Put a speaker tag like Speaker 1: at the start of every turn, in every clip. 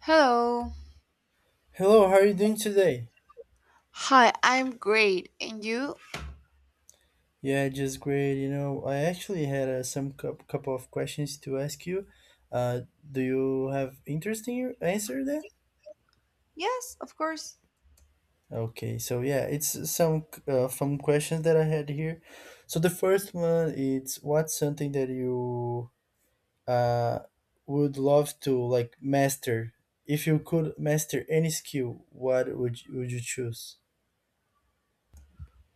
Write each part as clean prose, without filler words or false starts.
Speaker 1: Hello.
Speaker 2: Hello, how are you doing today?
Speaker 1: Hi, I'm great. And you?
Speaker 2: Yeah, just great. I actually had some couple of questions to ask you. Uh, do you have interesting answer then?
Speaker 1: Yes, of course.
Speaker 2: Okay, so yeah, it's some fun questions that I had here. So the first one is what's something that you uh would love to like master? If you could master any skill, what would you choose?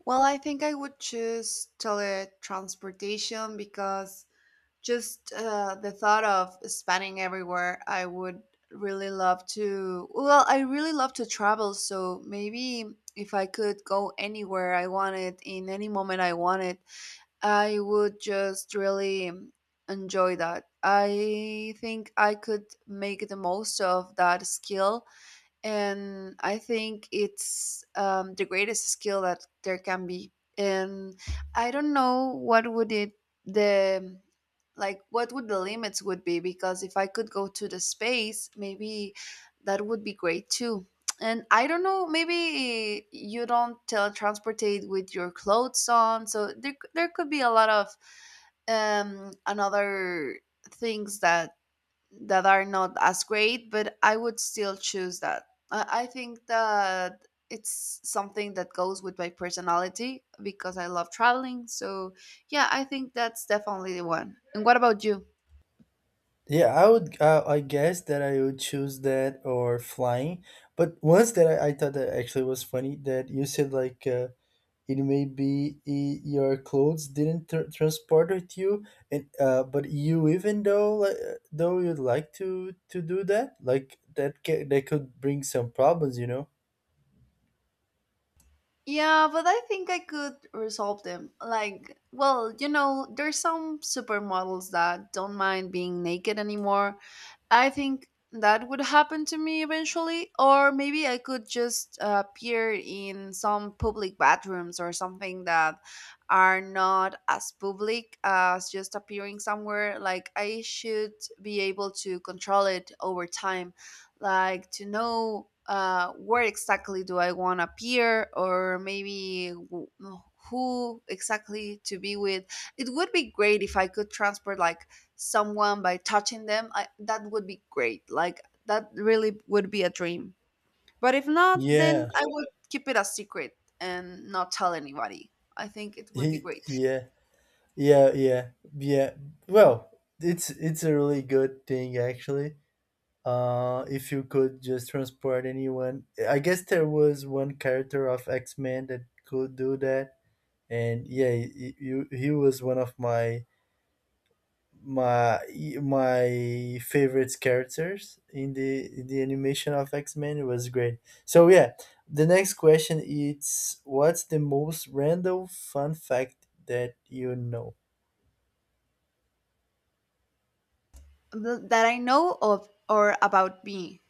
Speaker 1: Well, I think I would choose teletransportation because just the thought of spanning everywhere, I would really love to. Well, I really love to travel, so maybe if I could go anywhere I wanted in any moment I wanted, I would just really enjoy that. I think I could make the most of that skill, and I think it's the greatest skill that there can be. And I don't know what would it the like what would the limits would be, because if I could go to the space, maybe that would be great too. And I don't know, maybe you don't teletransportate with your clothes on, so there could be a lot of another things that are not as great, but I would still choose that. I think that it's something that goes with my personality because I love traveling. So, yeah, I think that's definitely the one. And what about you?
Speaker 2: Yeah, I would. I guess that I would choose that or flying. But once that I thought that actually was funny that you said like it may be your clothes didn't transport with you, and but you even though like, though you'd like to do that, like that that could bring some problems.
Speaker 1: Yeah, but I think I could resolve them. Like, well, there's some supermodels that don't mind being naked anymore. I think that would happen to me eventually, or maybe I could just appear in some public bathrooms or something that are not as public as just appearing somewhere. Like, I should be able to control it over time, like, to know. Where exactly do I want to appear, or maybe who exactly to be with? It would be great if I could transport like someone by touching them, that would be great. Like, that really would be a dream, but if not, then
Speaker 2: Yeah,
Speaker 1: I would keep it a secret and not tell anybody. I think it would be
Speaker 2: he,
Speaker 1: great.
Speaker 2: yeah, yeah, yeah, yeah. Well, it's a really good thing actually. If you could just transport anyone, I guess there was one character of X Men that could do that, and yeah, he was one of my my favorite characters in the animation of X Men. It was great. So yeah, the next question is what's the most random fun fact that you know?
Speaker 1: That I know of, or about me?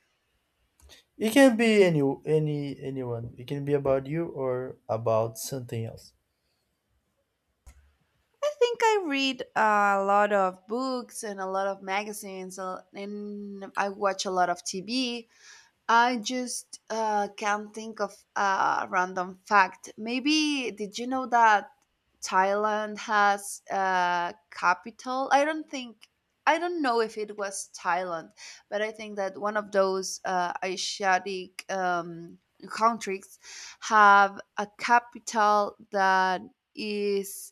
Speaker 2: It can be anyone. It can be about you or about something else.
Speaker 1: I think I read a lot of books and a lot of magazines, and I watch a lot of TV. I just can't think of a random fact. Maybe did you know that Thailand has a capital? I don't think. I don't know if it was Thailand, but I think that one of those Asiatic countries have a capital that is,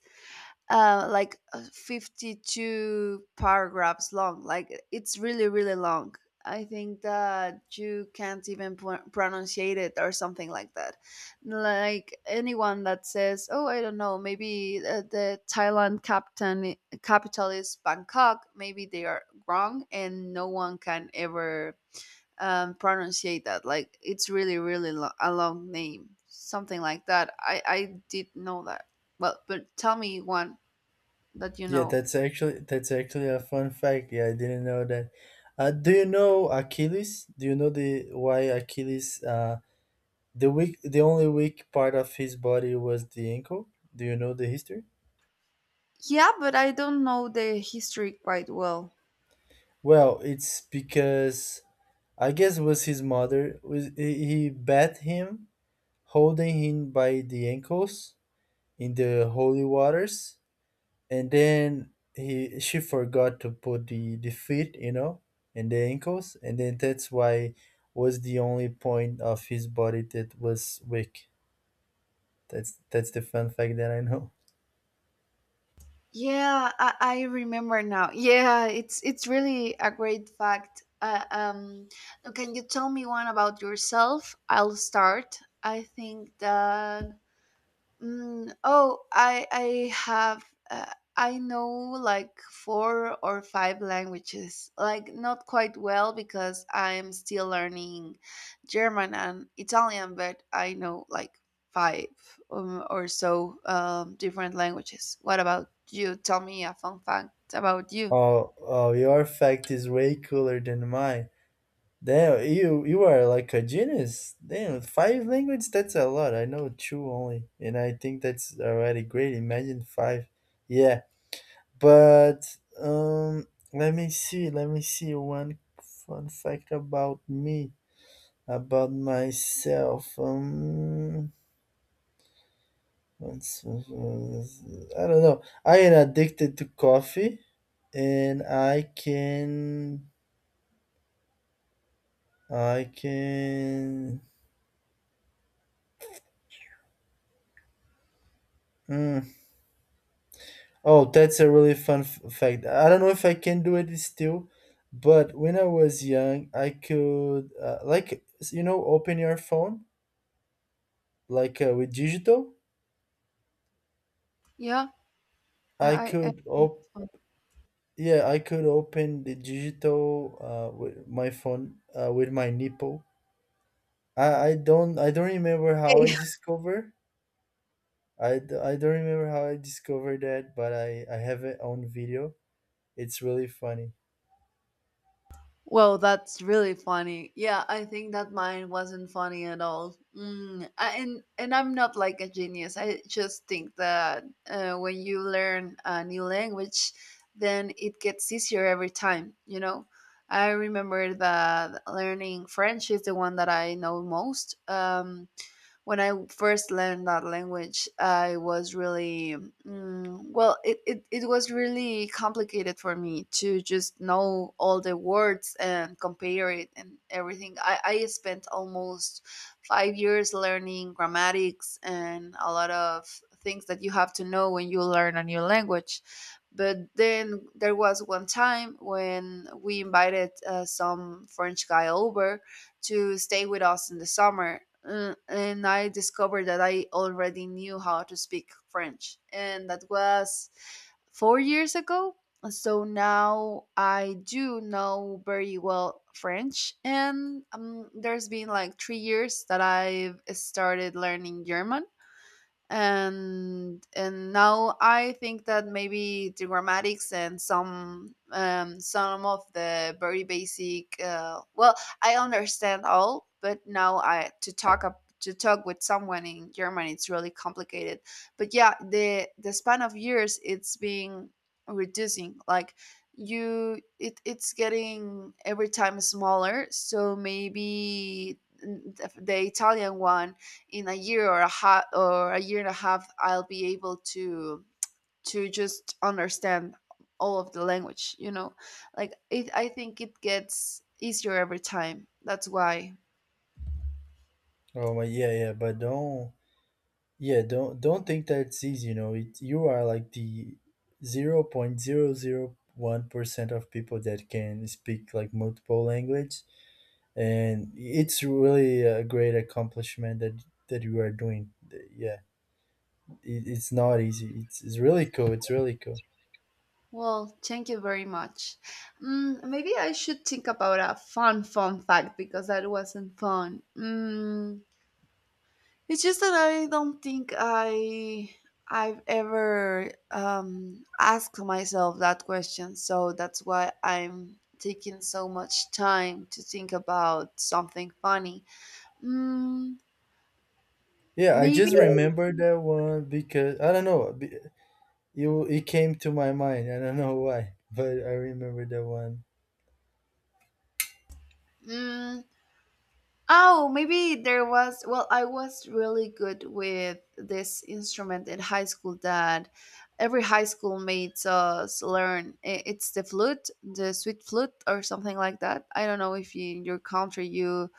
Speaker 1: like, 52 paragraphs long. Like, it's really, really long. I think that you can't even pronounce it or something like that. Like, anyone that says, "Oh, I don't know, maybe the Thailand captain capital is Bangkok," maybe they are wrong, and no one can ever pronunciate that. Like, it's really, really a long name, something like that. I did know that. Well, but tell me one that you
Speaker 2: Yeah,
Speaker 1: know.
Speaker 2: that's actually a fun fact. Yeah, I didn't know that. Do you know Achilles? Do you know the why Achilles? The only weak part of his body was the ankle. Do you know the history?
Speaker 1: Yeah, but I don't know the history quite well.
Speaker 2: Well, it's because I guess it was his mother. Was he bet him holding him by the ankles in the holy waters, and then he she forgot to put the feet and the ankles, and then that's why was the only point of his body that was weak. That's the fun fact that I know.
Speaker 1: Yeah, I remember now. Yeah, it's really a great fact. Can you tell me one about yourself? I'll start. I think that. Oh, I have, I know like four or five languages. Like, not quite well, because I'm still learning German and Italian, but I know like five, or so, different languages. What about you? Tell me a fun fact about you.
Speaker 2: Oh, your fact is way cooler than mine. Damn, you are like a genius. Damn, five languages. That's a lot. I know two only, and I think that's already great. Imagine five. Yeah. But let me see. Let me see one fun fact about me, about myself. I don't know. I am addicted to coffee, and I can. Mm. Oh, that's a really fun fact. I don't know if I can do it still, but when I was young, I could like open your phone like with digital.
Speaker 1: Yeah,
Speaker 2: I
Speaker 1: I. I
Speaker 2: could op- yeah, I could open the digital with my phone with my nipple. I don't remember how I
Speaker 1: Okay.
Speaker 2: discover. I don't remember how I discovered that, but I have it on video. It's really funny.
Speaker 1: Well, that's really funny. Yeah, I think that mine wasn't funny at all. And I'm not like a genius. I just think that when you learn a new language, then it gets easier every time. You know, I remember that learning French is the one that I know most. When I first learned that language, I was really, well, it was really complicated for me to just know all the words and compare it and everything. I spent almost 5 years learning grammatics and a lot of things that you have to know when you learn a new language. But then there was one time when we invited some French guy over to stay with us in the summer, and I discovered that I already knew how to speak French, and that was 4 years ago. So now I do know very well French, and there's been like 3 years that I've started learning German, and now I think that maybe the grammatics and some, some of the very basic, well, I understand all, but now I to talk up to talk with someone in German it's really complicated. But yeah, the span of years it's being reducing. Like, you it's getting every time smaller. So maybe, the Italian one, in a year or a half or a year and a half, I'll be able to just understand all of the language. Like, it, I think it gets easier every time. That's why.
Speaker 2: Oh my, yeah, yeah, but don't, yeah, don't think that it's easy. You are like the 0.001% of people that can speak like multiple language, and it's really a great accomplishment that you are doing. Yeah. It's not easy. It's really cool. It's really cool.
Speaker 1: Well, thank you very much. Maybe I should think about a fun fact, because that wasn't fun. It's just that I don't think I've ever asked myself that question, so that's why I'm taking so much time to think about something funny. Mm,
Speaker 2: Yeah, I
Speaker 1: Maybe.
Speaker 2: just remember that one because I don't know be- you it came to my mind. I don't know why. But I remember that one.
Speaker 1: Mm, Oh, maybe there was. Well, I was really good with this instrument in high school that every high school made us learn. It's the flute, the sweet flute, or something like that. I don't know if you, in your country, you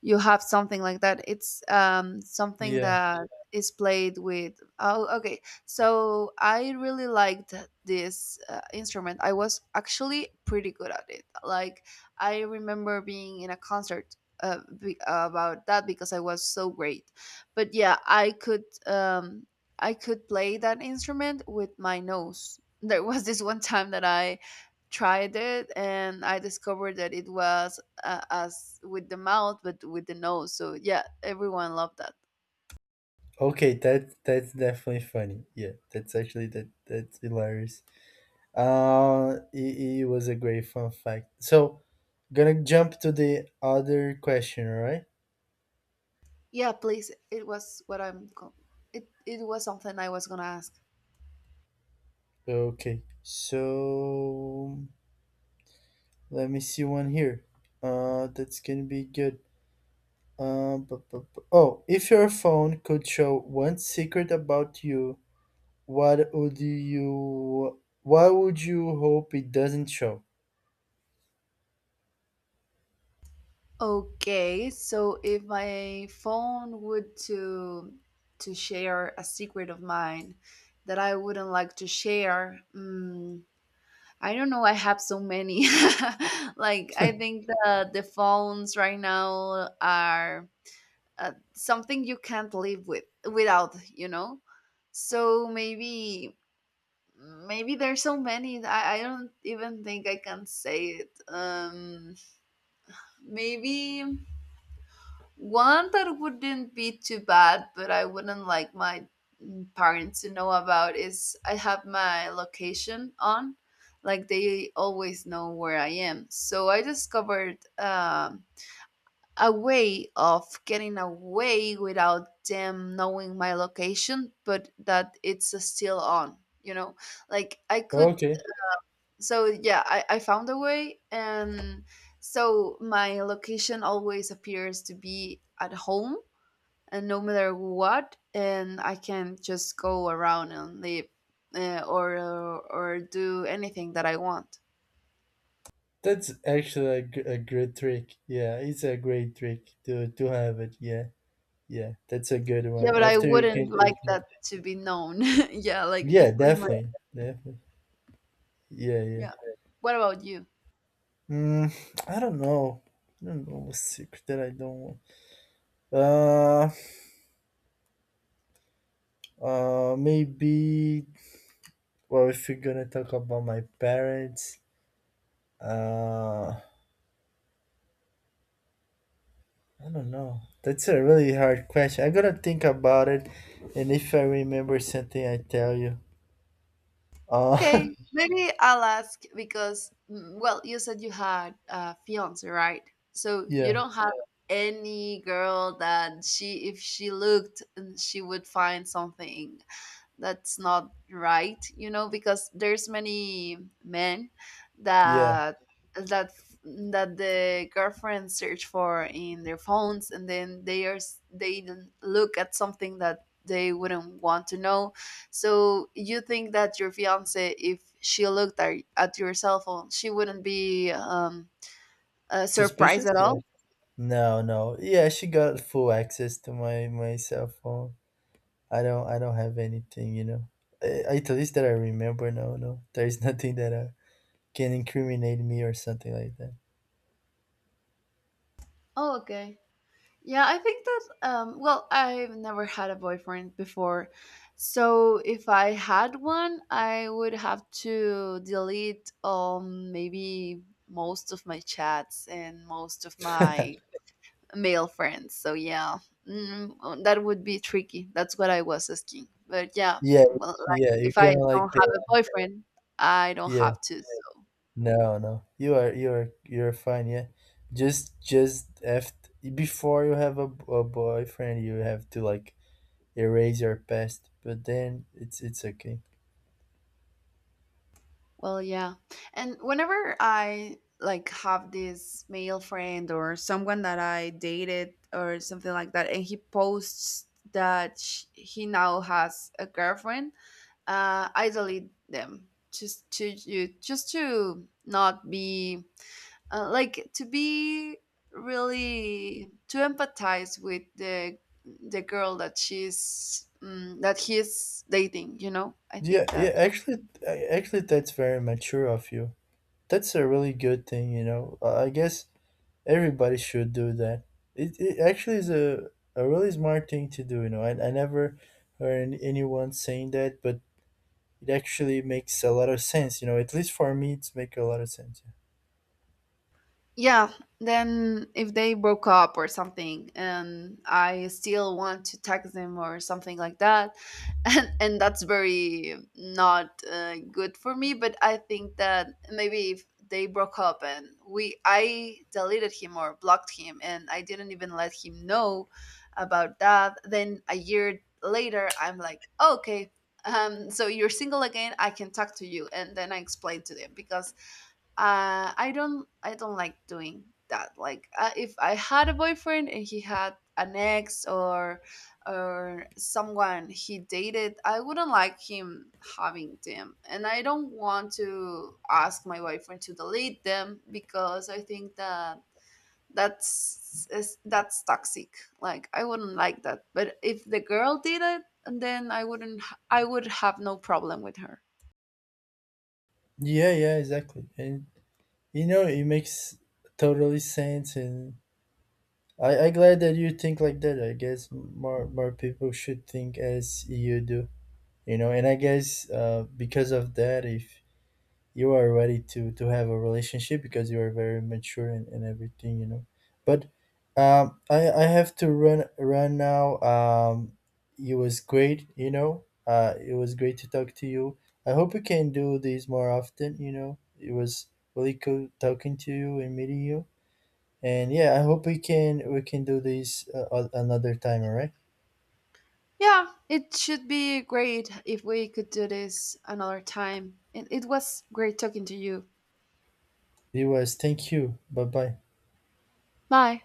Speaker 1: you have something like that. It's something
Speaker 2: Yeah.
Speaker 1: that is played with. Oh, okay. So I really liked this instrument. I was actually pretty good at it. Like, I remember being in a concert, about that, because I was so great. But yeah, I could play that instrument with my nose. There was this one time that I tried it, and I discovered that it was, as with the mouth but with the nose, so yeah, everyone loved that.
Speaker 2: Okay, that's definitely funny. Yeah, that's actually, that's hilarious. It was a great fun fact, so gonna jump to the other question. All right.
Speaker 1: Yeah, please, it was what it was something I was gonna ask.
Speaker 2: Okay, so let me see one here. That's gonna be good. Oh, if your phone could show one secret about you, what would you hope it doesn't show?
Speaker 1: Okay, so if my phone would to share a secret of mine that I wouldn't like to share, I don't know, I have so many. Like, I think that the phones right now are something you can't live with without, so maybe there's so many that I don't even think I can say it. Maybe one that wouldn't be too bad, but I wouldn't like my, parents to know about, is I have my location on. Like, they always know where I am, so I discovered a way of getting away without them knowing my location, but that it's, still on, you know? Like, I could,
Speaker 2: Okay,
Speaker 1: so yeah, I found a way. And so my location always appears to be at home, and no matter what. And I can just go around and live. Uh, or, or or do anything that I want.
Speaker 2: that's actually a great trick. Yeah, it's a great trick to have it. Yeah, yeah, that's a good
Speaker 1: Yeah,
Speaker 2: one.
Speaker 1: but I
Speaker 2: After you
Speaker 1: wouldn't
Speaker 2: can
Speaker 1: like
Speaker 2: take me.
Speaker 1: that to be known. Yeah, like if
Speaker 2: Yeah,
Speaker 1: if my,
Speaker 2: definitely, definitely. Yeah, yeah.
Speaker 1: yeah. What about you?
Speaker 2: Mm, I don't know. I don't know a secret that I don't want. Uh, maybe. Well, if you're gonna talk about my parents, uh, I don't know. That's a really hard question. I gotta think about it, and if I remember something, I tell you. Uh,
Speaker 1: Okay, maybe I'll ask because, well, you said you had a fiance, right? So you
Speaker 2: yeah,
Speaker 1: don't have any girl that she, if she looked, she would find something that's not right, because there's many men
Speaker 2: yeah.
Speaker 1: that that that the girlfriends search for in their phones, and then they look at something that they wouldn't want to know. So you think that your fiance, if she looked at your cell phone, she wouldn't be surprised
Speaker 2: Suspicious?
Speaker 1: at
Speaker 2: Yeah.
Speaker 1: all?
Speaker 2: No, no. Yeah, she got full access to my cell phone. I don't have anything. At least that I remember. No, no, there is nothing that can incriminate me or something like
Speaker 1: Oh, okay. Yeah, I think that, well, I've never had a boyfriend before. So if I had one, I would have to delete, maybe most of my chats and most of my
Speaker 2: that.
Speaker 1: male friends. So yeah, that would be tricky. That's what I was asking. But yeah,
Speaker 2: Yeah,
Speaker 1: well, like
Speaker 2: yeah, you're
Speaker 1: if I
Speaker 2: gonna like
Speaker 1: don't have a boyfriend, I don't
Speaker 2: yeah.
Speaker 1: have to.
Speaker 2: No, no, you're fine. Yeah, just after before you have a boyfriend, you have to like erase your past. But then it's okay.
Speaker 1: Well, yeah. And whenever I like have this male friend, or someone that I dated or something like that, and he posts that sh he now has a girlfriend, I delete them, just to not be, like, to be really, to empathize with the girl that she's, that he's dating. I
Speaker 2: Yeah,
Speaker 1: think
Speaker 2: yeah.
Speaker 1: that,
Speaker 2: Actually, that's very mature of you. That's a really good thing. I guess everybody should do that. It actually is a really smart thing to do. I never heard anyone saying that, but it actually makes a lot of sense. At least for me, it's make a lot of sense. Yeah,
Speaker 1: yeah, then if they broke up or something and I still want to text them or something like that, and that's very not good for me. But I think that maybe if they broke up and we I deleted him or blocked him and I didn't even let him know about that, then a year later, I'm like, okay, so you're single again, I can talk to you. And then I explain to them, because I don't like doing that. Like, if I had a boyfriend and he had an ex, or someone he dated, I wouldn't like him having them. And I don't want to ask my boyfriend to delete them, because I think that that's toxic. Like, I wouldn't like that. But if the girl did it, then I wouldn't I would have no problem with her.
Speaker 2: yeah, yeah, exactly. And it makes totally sense. And I glad that you think like that. I guess more people should think as you do. And I guess because of that, if you are ready to have a relationship because you are very mature and everything, but I have to run now. It was great. It was great to talk to you. I hope we can do these more often. It was really cool talking to you and meeting you, and yeah, I hope we can do this another time, all right.
Speaker 1: Yeah, it should be great if we could do this another time. It was great talking to you.
Speaker 2: it was Thank you. Bye, bye.
Speaker 1: Bye.